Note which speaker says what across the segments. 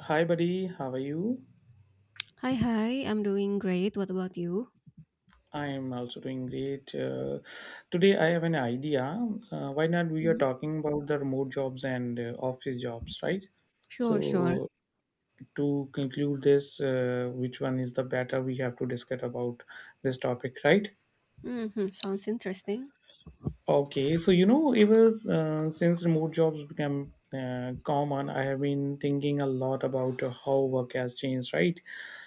Speaker 1: Hi, buddy. How are you?
Speaker 2: Hi, hi. I'm doing great. What about you?
Speaker 1: I'm also doing great. Today, I have an idea. Why not? We are
Speaker 2: Mhm.
Speaker 1: talking about the remote jobs and office jobs, right?
Speaker 2: Sure, sure.
Speaker 1: So, to conclude this, which one is the better? We have to discuss about this topic, right?
Speaker 2: Sounds interesting.
Speaker 1: Okay, so ever since remote jobs became common, I have been thinking a lot about how work has changed, right?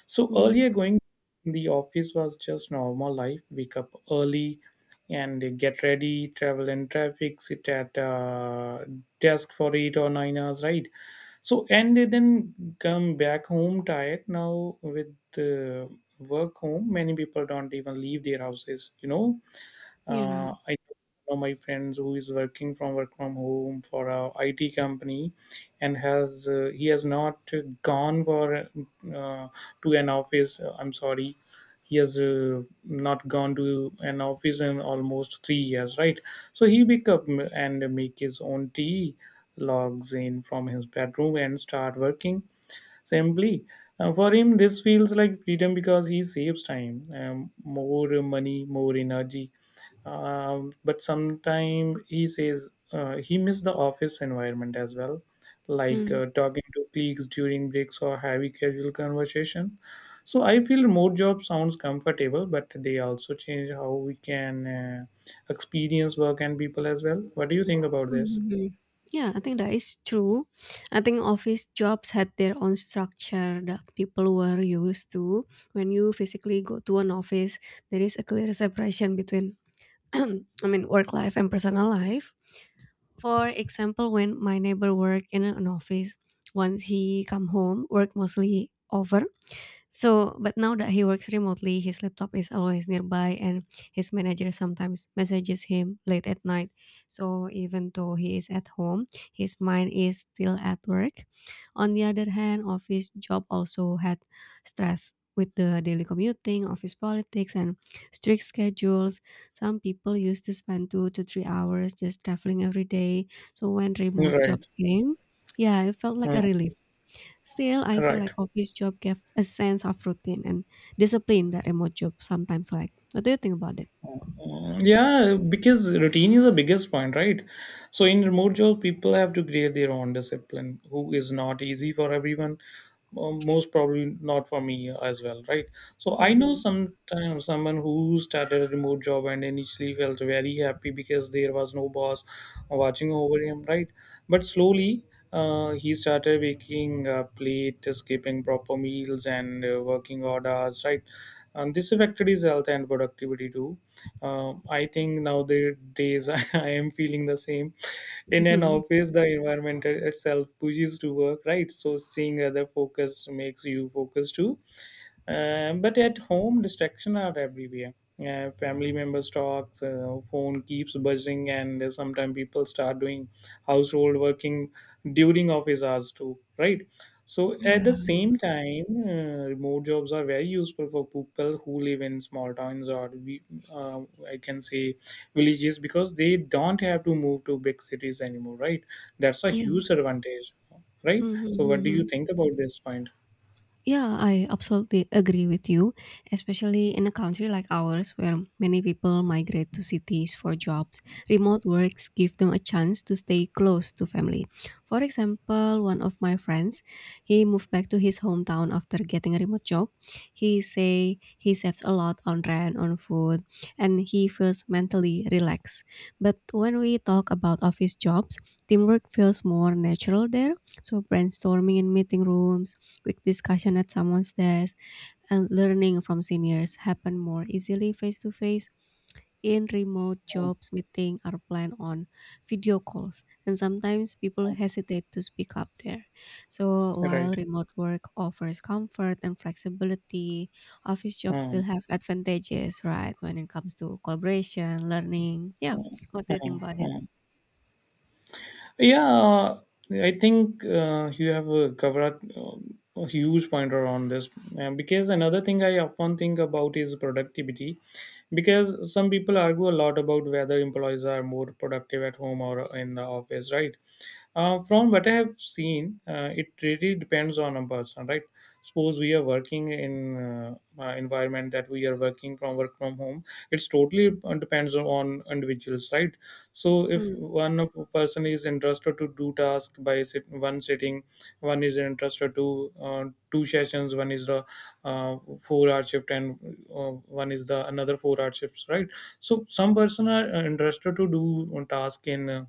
Speaker 1: So
Speaker 2: Mm,
Speaker 1: earlier, going in the office was just normal life. Wake up early and get ready, travel in traffic, sit at desk for 8 or 9 hours, right? So and then come back home tired. Now with uh, work home, many people don't even leave their houses,
Speaker 2: yeah.
Speaker 1: I know my friends who is working from work from home for a IT company, and has he has not gone for uh, to an office. I'm sorry, he has not gone to an office in almost 3 years, right? So he wake up and make his own tea, logs in from his bedroom and start working simply. For him this feels like freedom because he saves time, more money, more energy, but sometimes he says he missed the office environment as well, like
Speaker 2: Mm,
Speaker 1: talking to colleagues during breaks or having casual conversation. So I feel remote job sounds comfortable, but they also change how we can experience work and people as well. What do you think about this?
Speaker 2: mhm. Yeah, I think that is true. I think office jobs had their own structure that people were used to. When you physically go to an office, there is a clear separation between, I mean, work life and personal life. For example, when my neighbor worked in an office, once he come home, work mostly over. So, but now that he works remotely, his laptop is always nearby and his manager sometimes messages him late at night. So, even though he is at home, his mind is still at work. On the other hand, office job also had stress with the daily commuting, office politics, and strict schedules. Some people used to spend 2 to 3 hours just traveling every day. So, when remote
Speaker 1: Right.
Speaker 2: jobs came, yeah, it felt like
Speaker 1: Mm.
Speaker 2: a relief. Still, I feel
Speaker 1: Right.
Speaker 2: like office job gave a sense of routine and discipline that remote job sometimes lack. What do you think about it?
Speaker 1: Yeah, because routine is the biggest point, right? So in remote job, people have to create their own discipline, who is not easy for everyone. Most probably not for me as well, right? So I know
Speaker 2: Mm-hmm.
Speaker 1: sometimes someone who started a remote job and initially felt very happy because there was no boss watching over him, right? But slowly, he started waking up late, skipping proper meals and working odd hours, right? And this affected his health and productivity too. I think nowadays I am feeling the same. In an office, the environment itself pushes to work, right? So seeing other focus makes you focus too. But at home, distractions are everywhere. Family members talks, phone keeps buzzing, and sometimes people start doing household working during office hours too, right? So at
Speaker 2: Yeah.
Speaker 1: the same time, remote jobs are very useful for people who live in small towns or, uh, I can say, villages because they don't have to move to big cities anymore, right? That's a
Speaker 2: Yeah.
Speaker 1: huge advantage, right? So what do you
Speaker 2: Mm-hmm.
Speaker 1: think about this point?
Speaker 2: Yeah, I absolutely agree with you, especially in a country like ours where many people migrate to cities for jobs. Remote works give them a chance to stay close to family. For example, one of my friends, he moved back to his hometown after getting a remote job. He say he saves a lot on rent, on food, and he feels mentally relaxed. But when we talk about office jobs, teamwork feels more natural there. So brainstorming in meeting rooms, quick discussion at someone's desk, and learning from seniors happen more easily face to face. In remote
Speaker 1: Yeah,
Speaker 2: jobs, meetings are planned on video calls, and sometimes people hesitate to speak up there. So,
Speaker 1: yeah.
Speaker 2: while
Speaker 1: Right.
Speaker 2: remote work offers comfort and flexibility, office jobs
Speaker 1: Hmm,
Speaker 2: still have advantages, right? When it comes to collaboration, learning. Yeah. What do you think
Speaker 1: hmm,
Speaker 2: about it?
Speaker 1: hmm. Yeah, I think you have covered a huge pointer on this, because another thing I often think about is productivity. Because some people argue a lot about whether employees are more productive at home or in the office, right? From what I have seen, it really depends on a person, right? Suppose we are working in environment that we are working from work from home. It's totally depends on individuals, right? So if
Speaker 2: Mm,
Speaker 1: one of a person is interested to do task by one sitting, one is interested to two sessions, one is the 4 hour shift and one is the another 4 hour shifts, right? So some person are interested to do one task in. Uh,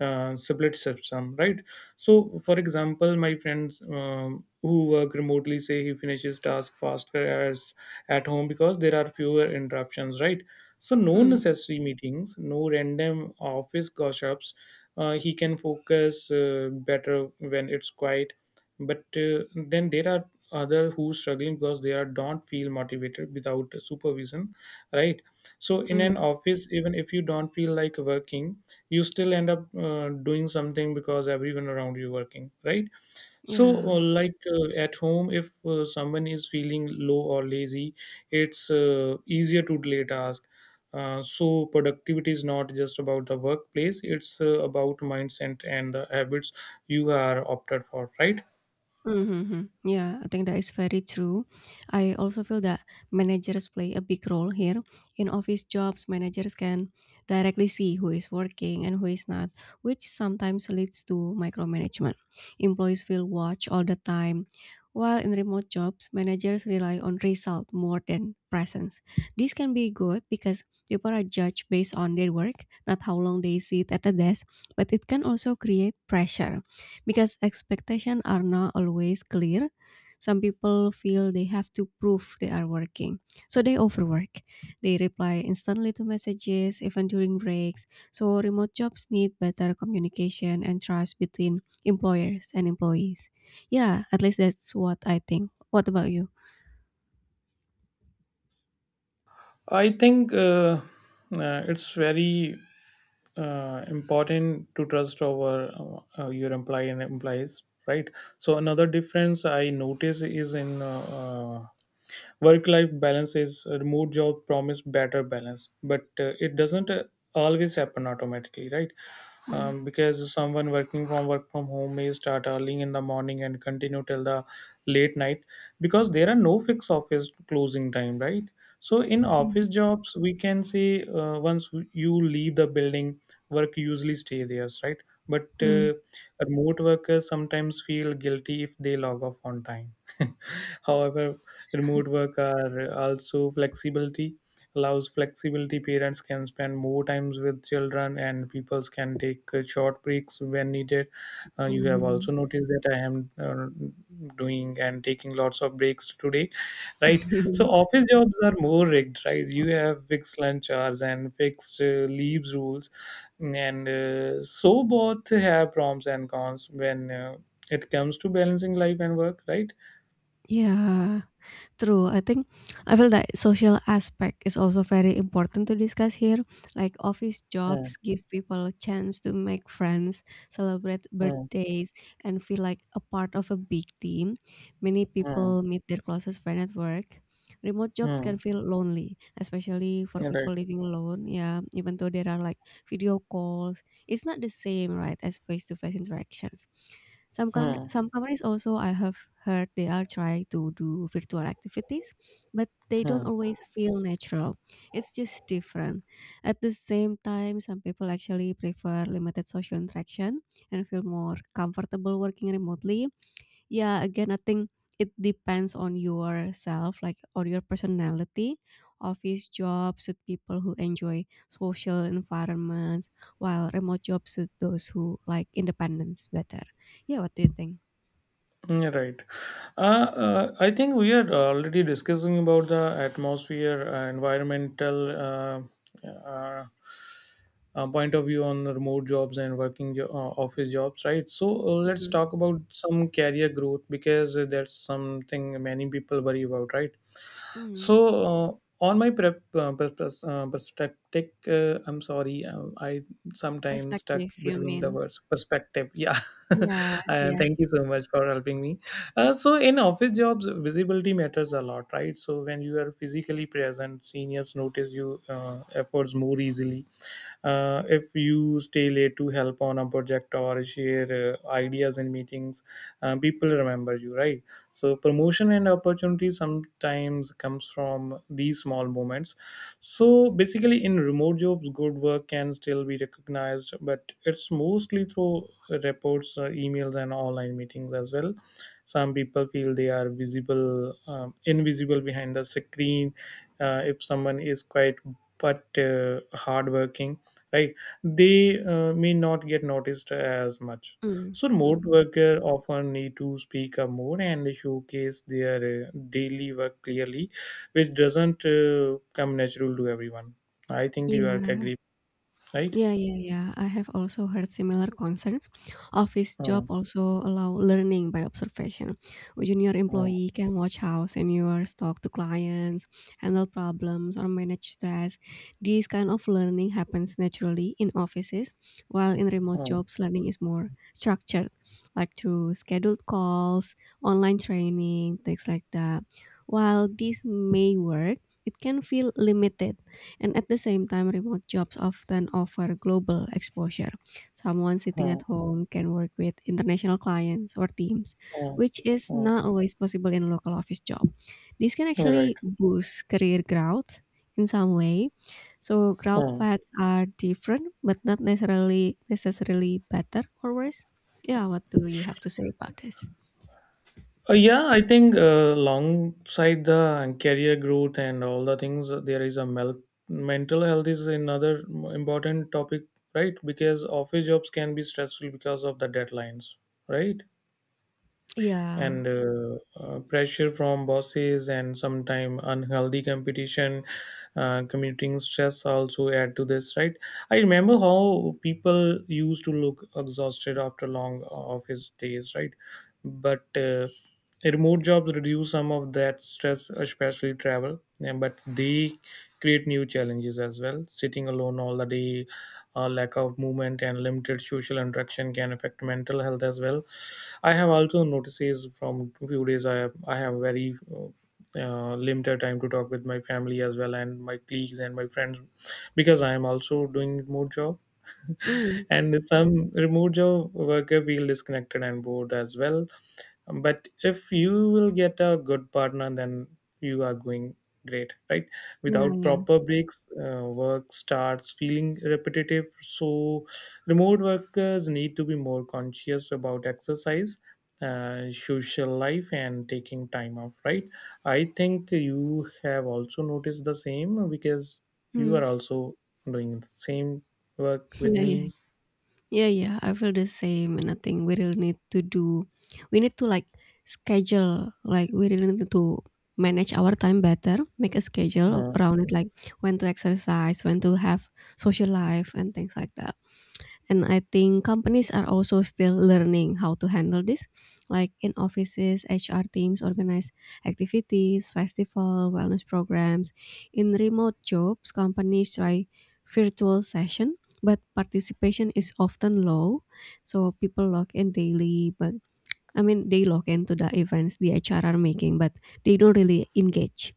Speaker 1: uh, Sublet system, right. So for example, my friends, who work remotely, say he finishes task faster as at home because there are fewer interruptions, right. So no
Speaker 2: mm,
Speaker 1: necessary meetings, no random office gossips. He can focus better when it's quiet, but then there are other who struggling because they are don't feel motivated without supervision, right. So in an
Speaker 2: mm.
Speaker 1: office, even if you don't feel like working, you still end up doing something because everyone around you working, right. So
Speaker 2: Yeah.
Speaker 1: like, at home, if someone is feeling low or lazy, it's easier to delay task. So productivity is not just about the workplace, it's about mindset and the habits you are opted for, right.
Speaker 2: Mm-hmm. Yeah, I think that is very true. I also feel that managers play a big role here. In office jobs, managers can directly see who is working and who is not, which sometimes leads to micromanagement. Employees feel watched all the time. While in remote jobs, managers rely on result more than presence. This can be good because people are judged based on their work, not how long they sit at the desk, but it can also create pressure because expectations are not always clear. Some people feel they have to prove they are working, so they overwork. They reply instantly to messages, even during breaks. So, remote jobs need better communication and trust between employers and employees. Yeah, at least that's what I think. What about you?
Speaker 1: I think it's very important to trust over your employee and employees, right. So another difference I notice is in work life balance is remote job promise better balance, but it doesn't always happen automatically, right.
Speaker 2: Mm.
Speaker 1: Because someone working from work from home may start early in the morning and continue till the late night because there are no fixed office closing time, right. So in office jobs, we can say, once you leave the building, work usually stay there, right. but
Speaker 2: Mm.
Speaker 1: uh, remote workers sometimes feel guilty if they log off on time however, remote work are also flexibility allows flexibility, parents can spend more times with children, and peoples can take short breaks when needed. You have
Speaker 2: Mhm.
Speaker 1: also noticed that I am uh, doing and taking lots of breaks today, right. So office jobs are more rigged, right. You have fixed lunch hours and fixed leaves rules, and so both have pros and cons when it comes to balancing life and work, right.
Speaker 2: Yeah. True. I think I feel that social aspect is also very important to discuss here. Like office
Speaker 1: Hmm,
Speaker 2: jobs give people a chance to make friends, celebrate
Speaker 1: hmm,
Speaker 2: birthdays, and feel like a part of a big team. Many
Speaker 1: hmm.
Speaker 2: people meet their closest friend at work. Remote jobs can
Speaker 1: Hmm.
Speaker 2: feel lonely, especially for
Speaker 1: Right.
Speaker 2: people living alone. Yeah, even though there are like video calls, it's not the same, right, as face to face interactions. Some com-
Speaker 1: Hmm.
Speaker 2: some companies also I have heard they are trying to do virtual activities, but they don't
Speaker 1: Hmm.
Speaker 2: always feel natural. It's just different. At the same time, some people actually prefer limited social interaction and feel more comfortable working remotely. Yeah, again, I think it depends on yourself, like on your personality. Office jobs suit people who enjoy social environments, while remote jobs suit those who like independence better. Yeah, what do you think?
Speaker 1: You right. I think we are already discussing about the atmosphere, environmental uh, uh, point of view on the remote jobs and office jobs, right. So let's
Speaker 2: Mm,
Speaker 1: talk about some career growth because that's something many people worry about, right.
Speaker 2: mm.
Speaker 1: So uh, on my perspective, I'm sorry, I sometimes stuck
Speaker 2: Perspective, you
Speaker 1: between the
Speaker 2: mean?
Speaker 1: words perspective, yeah
Speaker 2: Yeah,
Speaker 1: uh,
Speaker 2: yeah.
Speaker 1: thank you so much for helping me. So in office jobs, visibility matters a lot, right? So when you are physically present, seniors notice you efforts more easily. If you stay late to help on a project or share ideas in meetings, people remember you, right? So promotion and opportunity sometimes comes from these small moments. So basically, in remote jobs, good work can still be recognized, but it's mostly through reports, emails, and online meetings as well. Some people feel they are visible invisible behind the screen. If someone is quiet but hardworking, right, they may not get noticed as much.
Speaker 2: Mm.
Speaker 1: So remote
Speaker 2: Mhm.
Speaker 1: worker often need to speak up more and showcase their daily work clearly, which doesn't come natural to everyone. I think you are
Speaker 2: Yeah.
Speaker 1: agree, right?
Speaker 2: Yeah, yeah, yeah. I have also heard similar concerns. Office
Speaker 1: Hmm,
Speaker 2: job also allow learning by observation. A junior
Speaker 1: hmm,
Speaker 2: employee can watch how seniors talk to clients, handle problems, or manage stress. This kind of learning happens naturally in offices, while in remote
Speaker 1: hmm,
Speaker 2: jobs, learning is more structured, like through scheduled calls, online training, things like that. While this may work, it can feel limited and at the same time, remote jobs often offer global exposure. Someone sitting
Speaker 1: hmm,
Speaker 2: at home can work with international clients or teams,
Speaker 1: hmm,
Speaker 2: which is
Speaker 1: hmm.
Speaker 2: not always possible in a local office job. This can
Speaker 1: Hmm. Right.
Speaker 2: actually boost career growth in some way. So growth
Speaker 1: Hmm.
Speaker 2: paths are different, but not necessarily better or worse. Yeah, what do you have to say about this?
Speaker 1: Yeah, I think alongside the career growth and all the things, there is a mental health is another important topic, right? Because office jobs can be stressful because of the deadlines, right?
Speaker 2: Yeah.
Speaker 1: And pressure from bosses and sometimes unhealthy competition. Commuting stress also add to this, right. I remember how people used to look exhausted after long office days, right. But remote jobs reduce some of that stress, especially but they create new challenges as well, sitting alone all the day. Lack of movement and limited social interaction can affect mental health as well. I have also noticed is from few days I have very uh, limited time to talk with my family as well and my colleagues and my friends, because I am also doing more job.
Speaker 2: Mm.
Speaker 1: And some remote job worker feel disconnected and bored as well. But if you will get a good partner then you are going great, right.
Speaker 2: Yeah,
Speaker 1: Without
Speaker 2: yeah.
Speaker 1: proper breaks, work starts feeling repetitive, so remote workers need to be more conscious about exercise, social life and taking time off, right. I think you have also noticed the same because you are
Speaker 2: Mm.
Speaker 1: also doing the same work with
Speaker 2: Yeah, yeah,
Speaker 1: me.
Speaker 2: yeah, yeah, I feel the same, and I think we really need to do, we need to like schedule, like we really need to manage our time better, make a schedule
Speaker 1: Hmm.
Speaker 2: around it, like when to exercise, when to have social life, and things like that. And I think companies are also still learning how to handle this. Like in offices, HR teams organize activities, festival, wellness programs. In remote jobs, companies try virtual session, but participation is often low. So people log in daily, but I mean, they log into the events the HR are making, but they don't really engage.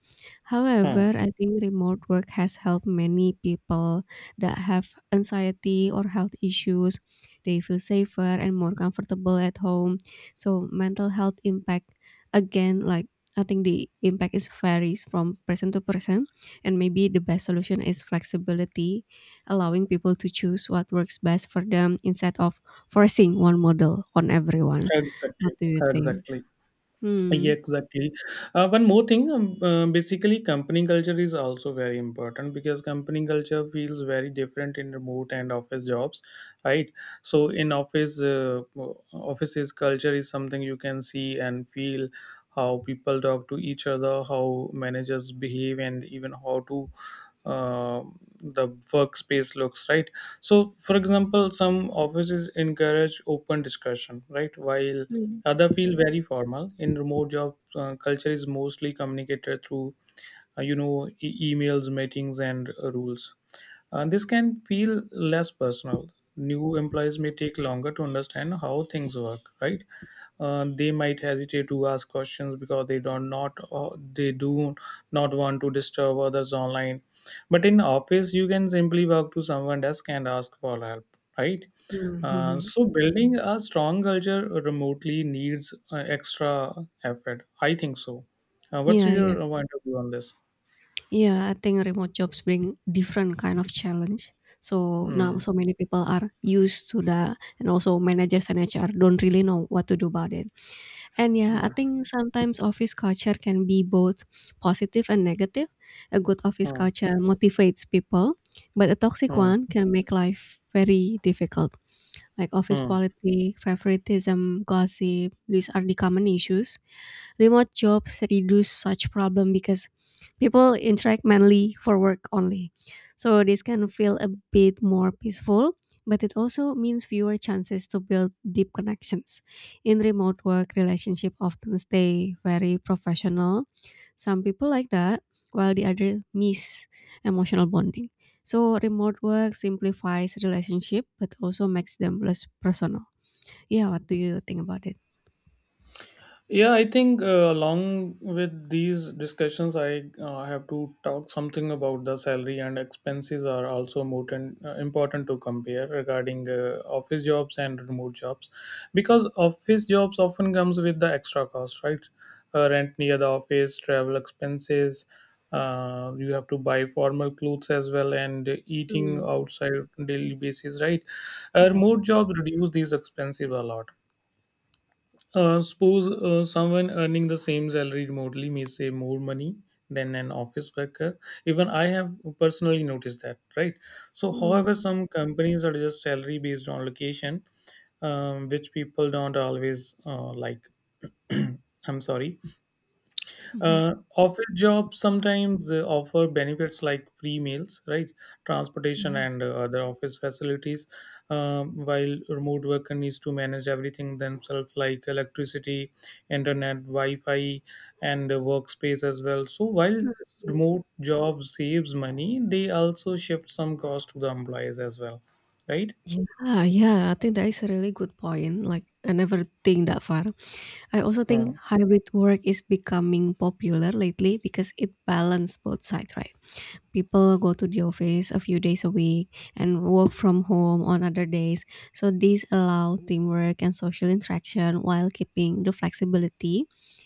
Speaker 1: Mm.
Speaker 2: However, I think remote work has helped many people that have anxiety or health issues. They feel safer and more comfortable at home. So, mental health impact again, like I think the impact is varies from person to person, and maybe the best solution is flexibility, allowing people to choose what works best for them instead of forcing one model on everyone.
Speaker 1: Exactly,
Speaker 2: What do you think?
Speaker 1: exactly. Yeah,
Speaker 2: Hmm.
Speaker 1: exactly. One more thing, basically, company culture is also very important because company culture feels very different in remote and office jobs, right? So offices culture is something you can see and feel how people talk to each other, how managers behave, and even how to uh, the workspace looks, right? So, for example, some offices encourage open discussion, right? While
Speaker 2: Mm.
Speaker 1: other feel very formal. In remote job, culture is mostly communicated through, emails, meetings, and rules. This can feel less personal. New employees may take longer to understand how things work, right? They might hesitate to ask questions because they do not want to disturb others online. But in office, you can simply walk to someone desk and ask for help, right.
Speaker 2: Mm,
Speaker 1: uh,
Speaker 2: mhm.
Speaker 1: so building a strong culture remotely needs extra effort, I think so. What's
Speaker 2: Yeah,
Speaker 1: your
Speaker 2: yeah.
Speaker 1: point of view on this?
Speaker 2: Yeah, I think remote jobs bring different kind of challenge. So now
Speaker 1: Hmm.
Speaker 2: so many people are used to that and also managers and HR don't really know what to do about it. And yeah, I
Speaker 1: Hmm.
Speaker 2: think sometimes office culture can be both positive and negative. A good office
Speaker 1: Hmm.
Speaker 2: culture motivates people, but a toxic
Speaker 1: Hmm.
Speaker 2: one can make life very difficult. Like office
Speaker 1: Hmm.
Speaker 2: politics, favoritism, gossip, these are the common issues. Remote jobs reduce such problem because people interact mainly for work only. So this can feel a bit more peaceful, but it also means fewer chances to build deep connections. In remote work, relationship often stay very professional. Some people like that, while the other miss emotional bonding. So remote work simplifies relationship, but also makes them less personal. Yeah, what do you think about it?
Speaker 1: Yeah, I think along with these discussions, I have to talk something about the salary and expenses are also important, important to compare regarding office jobs and remote jobs, because office jobs often comes with the extra cost, right? Rent near the office, travel expenses. You have to buy formal clothes as well and eating
Speaker 2: Mm,
Speaker 1: outside daily basis, right?
Speaker 2: yeah.
Speaker 1: Remote jobs reduce these expenses a lot, suppose someone earning the same salary remotely may save more money than an office worker. Even I have personally noticed that, right? So, however,
Speaker 2: Mm,
Speaker 1: some companies are just salary based on location, which people don't always like. I'm sorry.
Speaker 2: mhm.
Speaker 1: Office jobs sometimes offer benefits like free meals, right, transportation, and other office facilities. While remote worker needs to manage everything themselves, like electricity, internet, Wi-Fi, and workspace as well. So while remote job saves money, they also shift some cost to the employees as well, right?
Speaker 2: Yeah, yeah, I think that is a really good point. Like, I never think that far. I also think hybrid work is becoming popular lately because it balances both sides, right? People go to the office a few days a week and work from home on other days. So these allow teamwork and social interaction while keeping the flexibility.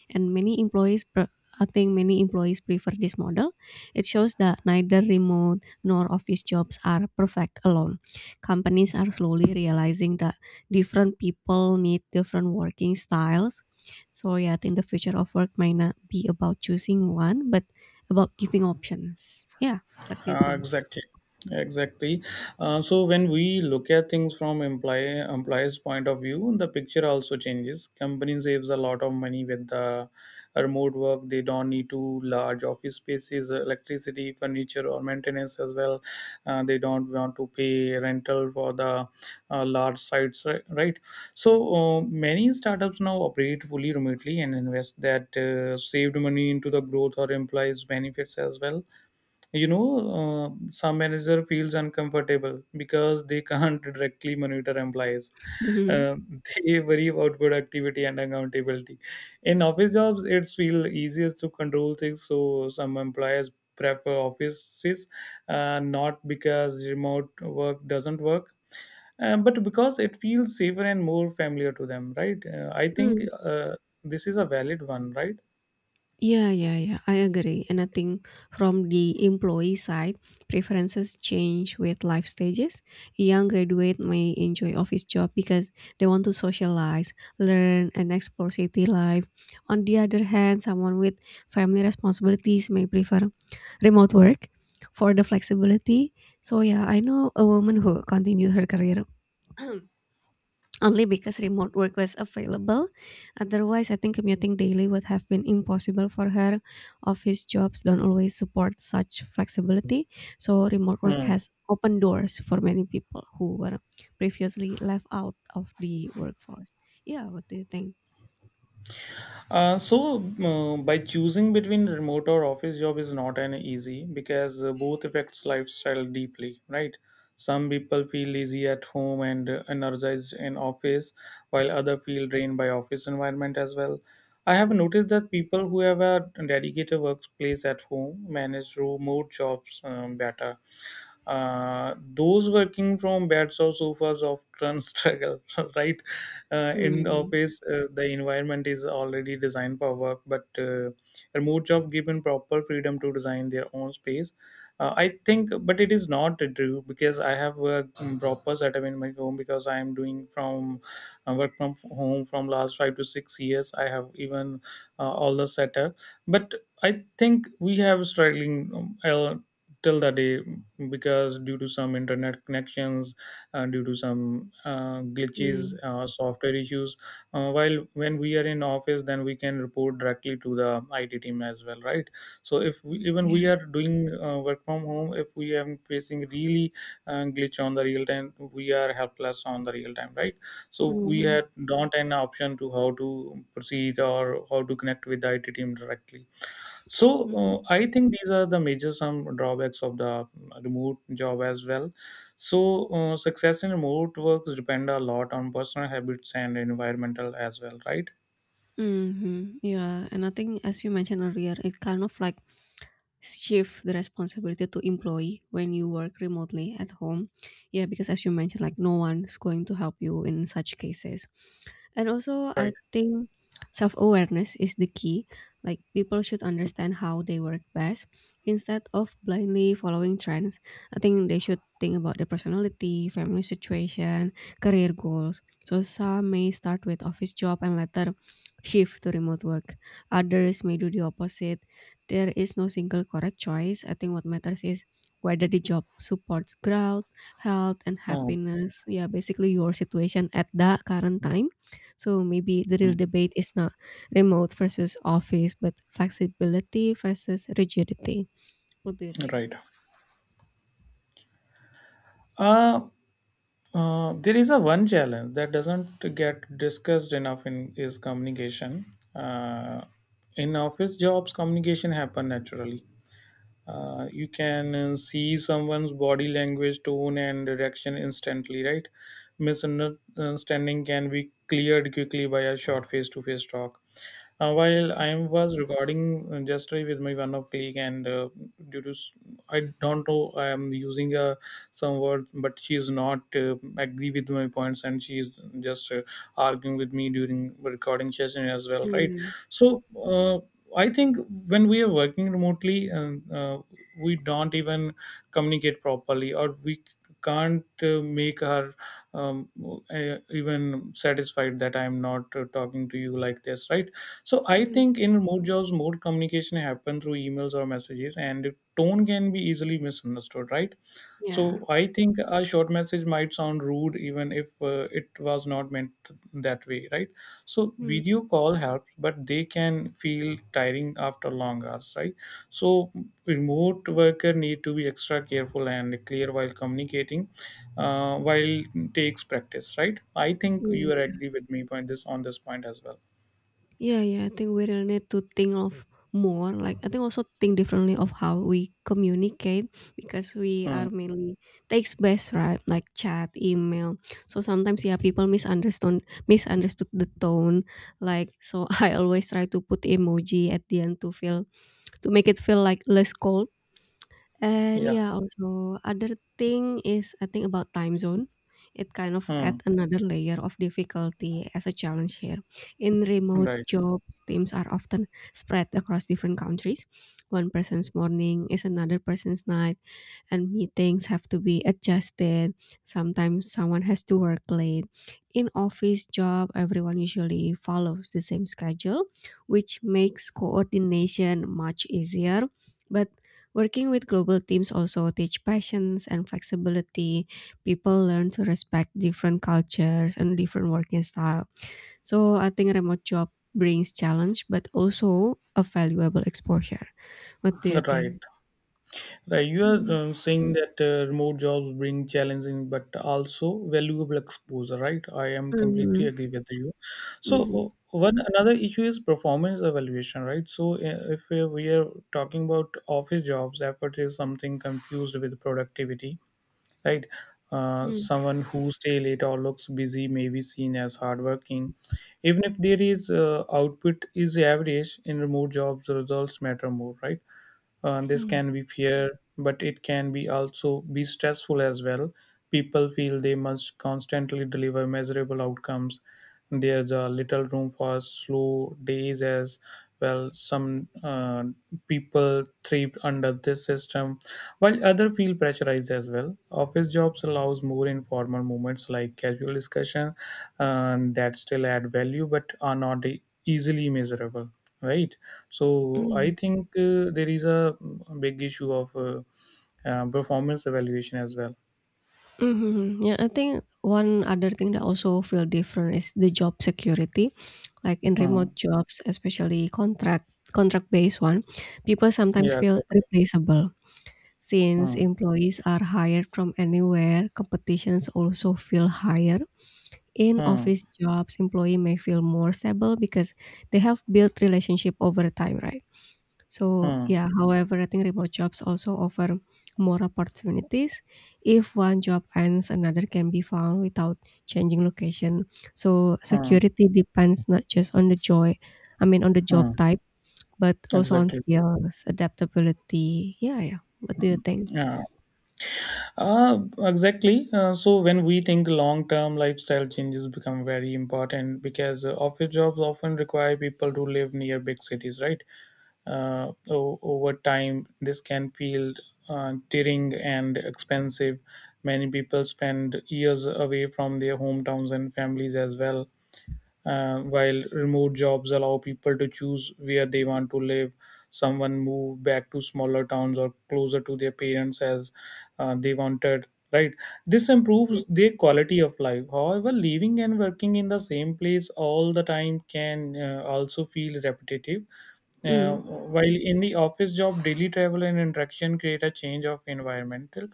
Speaker 2: And many employees, I think many employees prefer this model. It shows that neither remote nor office jobs are perfect alone. Companies are slowly realizing that different people need different working styles. So yeah, I think the future of work might not be about choosing one, but about giving options. Yeah. What do you
Speaker 1: Uh,
Speaker 2: think?
Speaker 1: exactly exactly. So when we look at things from employees point of view, the picture also changes. Company saves a lot of money with the remote work. They don't need to large office spaces, electricity, furniture or maintenance as well. They don't want to pay rental for the large right? So many startups now operate fully remotely and invest that saved money into the growth or employees benefits as well, you know some manager feels uncomfortable because they can't directly monitor employees.
Speaker 2: Mhm.
Speaker 1: uh, they worry about productivity and accountability. In office jobs it's feel easiest to control things, so some employers prefer offices, not because remote work doesn't work, but because it feels safer and more familiar to them, right? I think
Speaker 2: Mm.
Speaker 1: this is a valid one, right?
Speaker 2: Yeah, yeah, yeah. I agree. And I think from the employee side, preferences change with life stages. Young graduate may enjoy office job because they want to socialize, learn, and explore city life. On the other hand, someone with family responsibilities may prefer remote work for the flexibility. So yeah, I know a woman who continued her career only because remote work was available. Otherwise, I think commuting daily would have been impossible for her. Office jobs don't always support such flexibility, so remote work
Speaker 1: Hmm.
Speaker 2: has opened doors for many people who were previously left out of the workforce. Yeah, what do you think?
Speaker 1: So, by choosing between remote or office job is not an easy, because both affects lifestyle deeply, right? Some people feel lazy at home and energized in office, while other feel drained by office environment as well. I have
Speaker 2: Mm.
Speaker 1: noticed that people who have a dedicated workplace at home manage remote jobs better. Those working from beds or sofas often struggle, right? In the
Speaker 2: Mm.
Speaker 1: office, the environment is already designed for work, but remote job given proper freedom to design their own space. I think, but it is not true, because I have a proper setup in my home, because I am doing from work from home from last 5 to 6 years. I have even all the setup, but I think we have struggling till the day, because due to some internet connections, due to some glitches,
Speaker 2: Mm.
Speaker 1: software issues. While when we are in office, then we can report directly to the IT team as well, right? So if we, even we
Speaker 2: Yeah.
Speaker 1: are doing work from home, if we are facing really glitch on the real time, we are helpless on the real time, right? So we
Speaker 2: Mm-hmm.
Speaker 1: had not an option to how to proceed or how to connect with the IT team directly. So I think these are the major some drawbacks of the remote job as well. So success in remote works depend a lot on personal habits and environmental as well, right?
Speaker 2: Mm-hmm. Yeah, and I think as you mentioned earlier, it kind of like shift the responsibility to employee when you work remotely at home. Yeah, because as you mentioned, like no one's going to help you in such cases. And also I think self-awareness is the key. Like people should understand how they work best instead of blindly following trends. I think they should think about their personality, family situation, career goals. So some may start with office job and later shift to remote work, others may do the opposite. There is no single correct choice. I think what matters is whether the job supports growth, health, and
Speaker 1: Hmm.
Speaker 2: happiness. Yeah, basically your situation at the current time. So maybe the real debate is not remote versus office, but flexibility versus rigidity. What do you think?
Speaker 1: Right. Uh, there is a one challenge that doesn't get discussed enough in is communication. Uh, in office jobs, communication happen naturally. You can see someone's body language, tone and direction instantly, right? Misunderstanding can be cleared quickly by a short face-to-face talk. While I was recording just with my one of colleague, and due to s- I don't know, I am using some word, but she is not agree with my points, and she is just arguing with me during recording session as well, right?
Speaker 2: Mm,
Speaker 1: So uh, I think when we are working remotely, and we don't even communicate properly, or we can't make her um, even satisfied that I'm not talking to you like this, right? So I
Speaker 2: mm,
Speaker 1: think in remote jobs more communication happen through emails or messages, and tone can be easily misunderstood, right?
Speaker 2: yeah,
Speaker 1: So I think a short message might sound rude, even if it was not meant that way, right? So
Speaker 2: mm,
Speaker 1: video call helps, but they can feel tiring after long hours, right? So remote worker need to be extra careful and clear while communicating, while takes practice, right? I think you are
Speaker 2: yeah.
Speaker 1: agree with me on this point as well.
Speaker 2: Yeah, yeah, I think we really need to think of more. Like, I think also think differently of how we communicate because we
Speaker 1: Hmm.
Speaker 2: are mainly text based, right? Like chat, email. So sometimes, yeah, people misunderstand misunderstood the tone. Like, so I always try to put emoji at the end to feel to make it feel like less cold. And
Speaker 1: Yeah.
Speaker 2: yeah, also other thing is I think about time zone. It kind of
Speaker 1: Hmm.
Speaker 2: add another layer of difficulty as a challenge here. In remote
Speaker 1: right
Speaker 2: jobs, teams are often spread across different countries. One person's morning is another person's night, and meetings have to be adjusted. Sometimes someone has to work late. In office job, everyone usually follows the same schedule, which makes coordination much easier. But working with global teams also teach patience and flexibility. People learn to respect different cultures and different working style. So I think remote job brings challenge but also a valuable exposure. What do you
Speaker 1: right.
Speaker 2: think?
Speaker 1: Right, you are
Speaker 2: Mm,
Speaker 1: saying that remote jobs bring challenging but also valuable exposure, right? I am completely
Speaker 2: mhm,
Speaker 1: agree with you. So
Speaker 2: mhm.
Speaker 1: one another issue is performance evaluation, right? So if we are talking about office jobs, effort is something confused with productivity, right?
Speaker 2: Mm,
Speaker 1: Someone who stay late or looks busy may be seen as hardworking, even if there is output is average. In remote jobs, the results matter more, right? This
Speaker 2: mhm,
Speaker 1: can be fear, but it can be also be stressful as well. People feel they must constantly deliver measurable outcomes. There's a little room for slow days as well. Some people thrive under this system, while other feel pressurized as well. Office jobs allows more informal moments like casual discussion, that still add value but are not easily measurable, right? So I
Speaker 2: mhm,
Speaker 1: think there is a big issue of performance evaluation as well.
Speaker 2: mhm. Yeah, I think one other thing that also feel different is the job security. Like in remote
Speaker 1: Hmm.
Speaker 2: jobs, especially contract based one, people sometimes
Speaker 1: Yeah,
Speaker 2: feel
Speaker 1: exactly.
Speaker 2: replaceable. Since
Speaker 1: Hmm.
Speaker 2: employees are hired from anywhere, competitions also feel higher. In
Speaker 1: Hmm.
Speaker 2: office jobs, employee may feel more stable because they have built relationship over time, right? So,
Speaker 1: Hmm.
Speaker 2: yeah, however, I think remote jobs also offer more opportunities. If one job ends, another can be found without changing location. So,
Speaker 1: Hmm.
Speaker 2: security depends not just on the joy, I mean, on the
Speaker 1: Hmm.
Speaker 2: job type, but also on
Speaker 1: exactly
Speaker 2: skills, adaptability. Yeah, yeah. What do you think?
Speaker 1: yeah Exactly. So when we think long term, lifestyle changes become very important, because office jobs often require people to live near big cities, right? Over time, this can feel tiring and expensive. Many people spend years away from their hometowns and families as well. While remote jobs allow people to choose where they want to live, someone moved back to smaller towns or closer to their parents as they wanted, right? This improves their quality of life. However, living and working in the same place all the time can also feel repetitive. uh,
Speaker 2: Mm,
Speaker 1: while in the office job, daily travel and interaction create a change of environmental,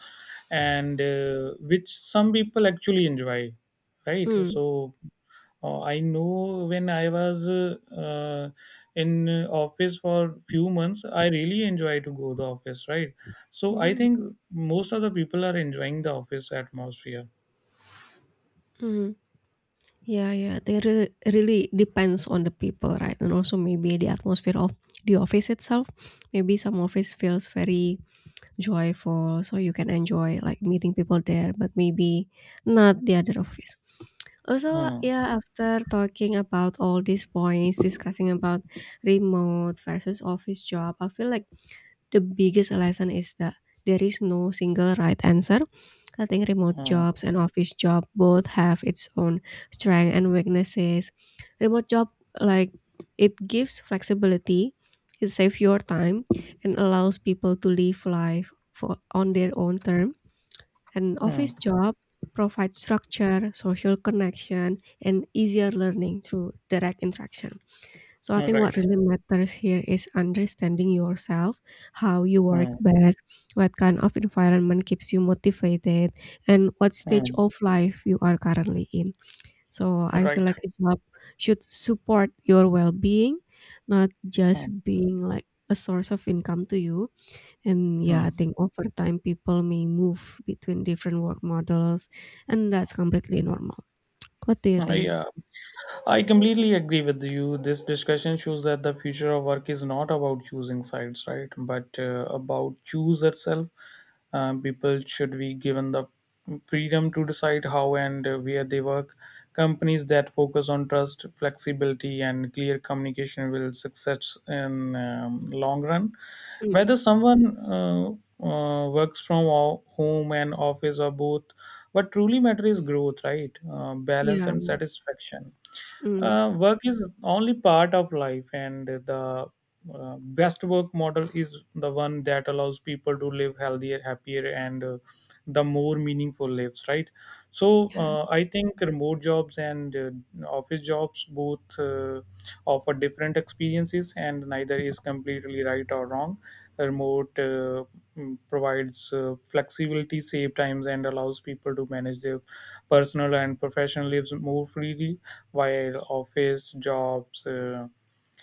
Speaker 1: and which some people actually enjoy, right?
Speaker 2: mm,
Speaker 1: So I know when I was in office for few months, I really enjoy to go the office, right? So I
Speaker 2: mm.
Speaker 1: think most of the people are enjoying the office atmosphere.
Speaker 2: Mhm. Yeah, yeah. They really depends on the people, right? And also maybe the atmosphere of the office itself. Maybe some office feels very joyful, so you can enjoy like meeting people there, but maybe not the other office. Also,
Speaker 1: Hmm.
Speaker 2: yeah, after talking about all these points, discussing about remote versus office job, I feel like the biggest lesson is that there is no single right answer. I think remote
Speaker 1: Hmm.
Speaker 2: jobs and office job both have its own strength and weaknesses. Remote job, like, it gives flexibility, it saves your time and allows people to live life for on their own term. An
Speaker 1: Hmm.
Speaker 2: office job provides structure, social connection, and easier learning through direct interaction. So I think
Speaker 1: Right.
Speaker 2: what really matters here is understanding yourself, how you work
Speaker 1: Hmm.
Speaker 2: best, what kind of environment keeps you motivated, and what stage
Speaker 1: Hmm.
Speaker 2: of life you are currently in. So I feel
Speaker 1: Right.
Speaker 2: like a job should support your well-being, not
Speaker 1: Hmm.
Speaker 2: just being like a source of income to you. And yeah, I
Speaker 1: Hmm.
Speaker 2: think over time people may move between different work models, and that's completely normal. What do you think?
Speaker 1: Yeah. I completely agree with you. This discussion shows that the future of work is not about choosing sides, right? But about choose itself. People should be given the freedom to decide how and where they work. Companies that focus on trust, flexibility, and clear communication will success in long run.
Speaker 2: Mm,
Speaker 1: Whether someone works from home and office or both, what truly matter is growth, right? Balance
Speaker 2: yeah.
Speaker 1: and satisfaction.
Speaker 2: Mm,
Speaker 1: Work is only part of life, and the best work model is the one that allows people to live healthier, happier, and the more meaningful lives, right? So
Speaker 2: yeah.
Speaker 1: I think remote jobs and office jobs both offer different experiences, and neither is completely right or wrong. Remote provides flexibility, save times, and allows people to manage their personal and professional lives more freely, while office jobs.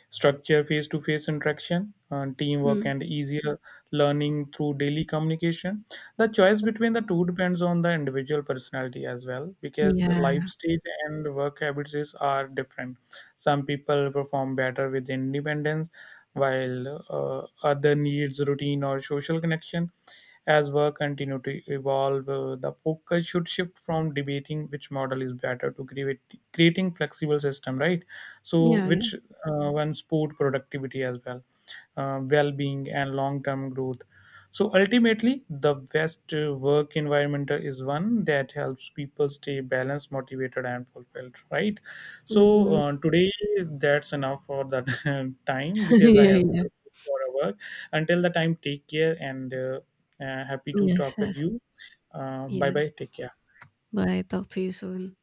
Speaker 1: Structure face-to-face interaction, teamwork,
Speaker 2: Mm,
Speaker 1: and easier learning through daily communication. The choice between the two depends on the individual personality as well, because
Speaker 2: yeah.
Speaker 1: life stage and work habits are different. Some people perform better with independence, while other needs routine or social connection. As work continue to evolve, the focus should shift from debating which model is better to creating flexible system, right? So
Speaker 2: Yeah.
Speaker 1: which one sport productivity as well, well-being and long-term growth. So ultimately the best work environment is one that helps people stay balanced, motivated and fulfilled, right? So
Speaker 2: Mhm.
Speaker 1: today that's enough for that time, because I
Speaker 2: Yeah,
Speaker 1: have
Speaker 2: yeah.
Speaker 1: to go for a work. Until the time, take care, and happy to
Speaker 2: Yes,
Speaker 1: talk with
Speaker 2: yes,
Speaker 1: you. Bye bye,
Speaker 2: yes.
Speaker 1: take care.
Speaker 2: Bye. Talk to you soon.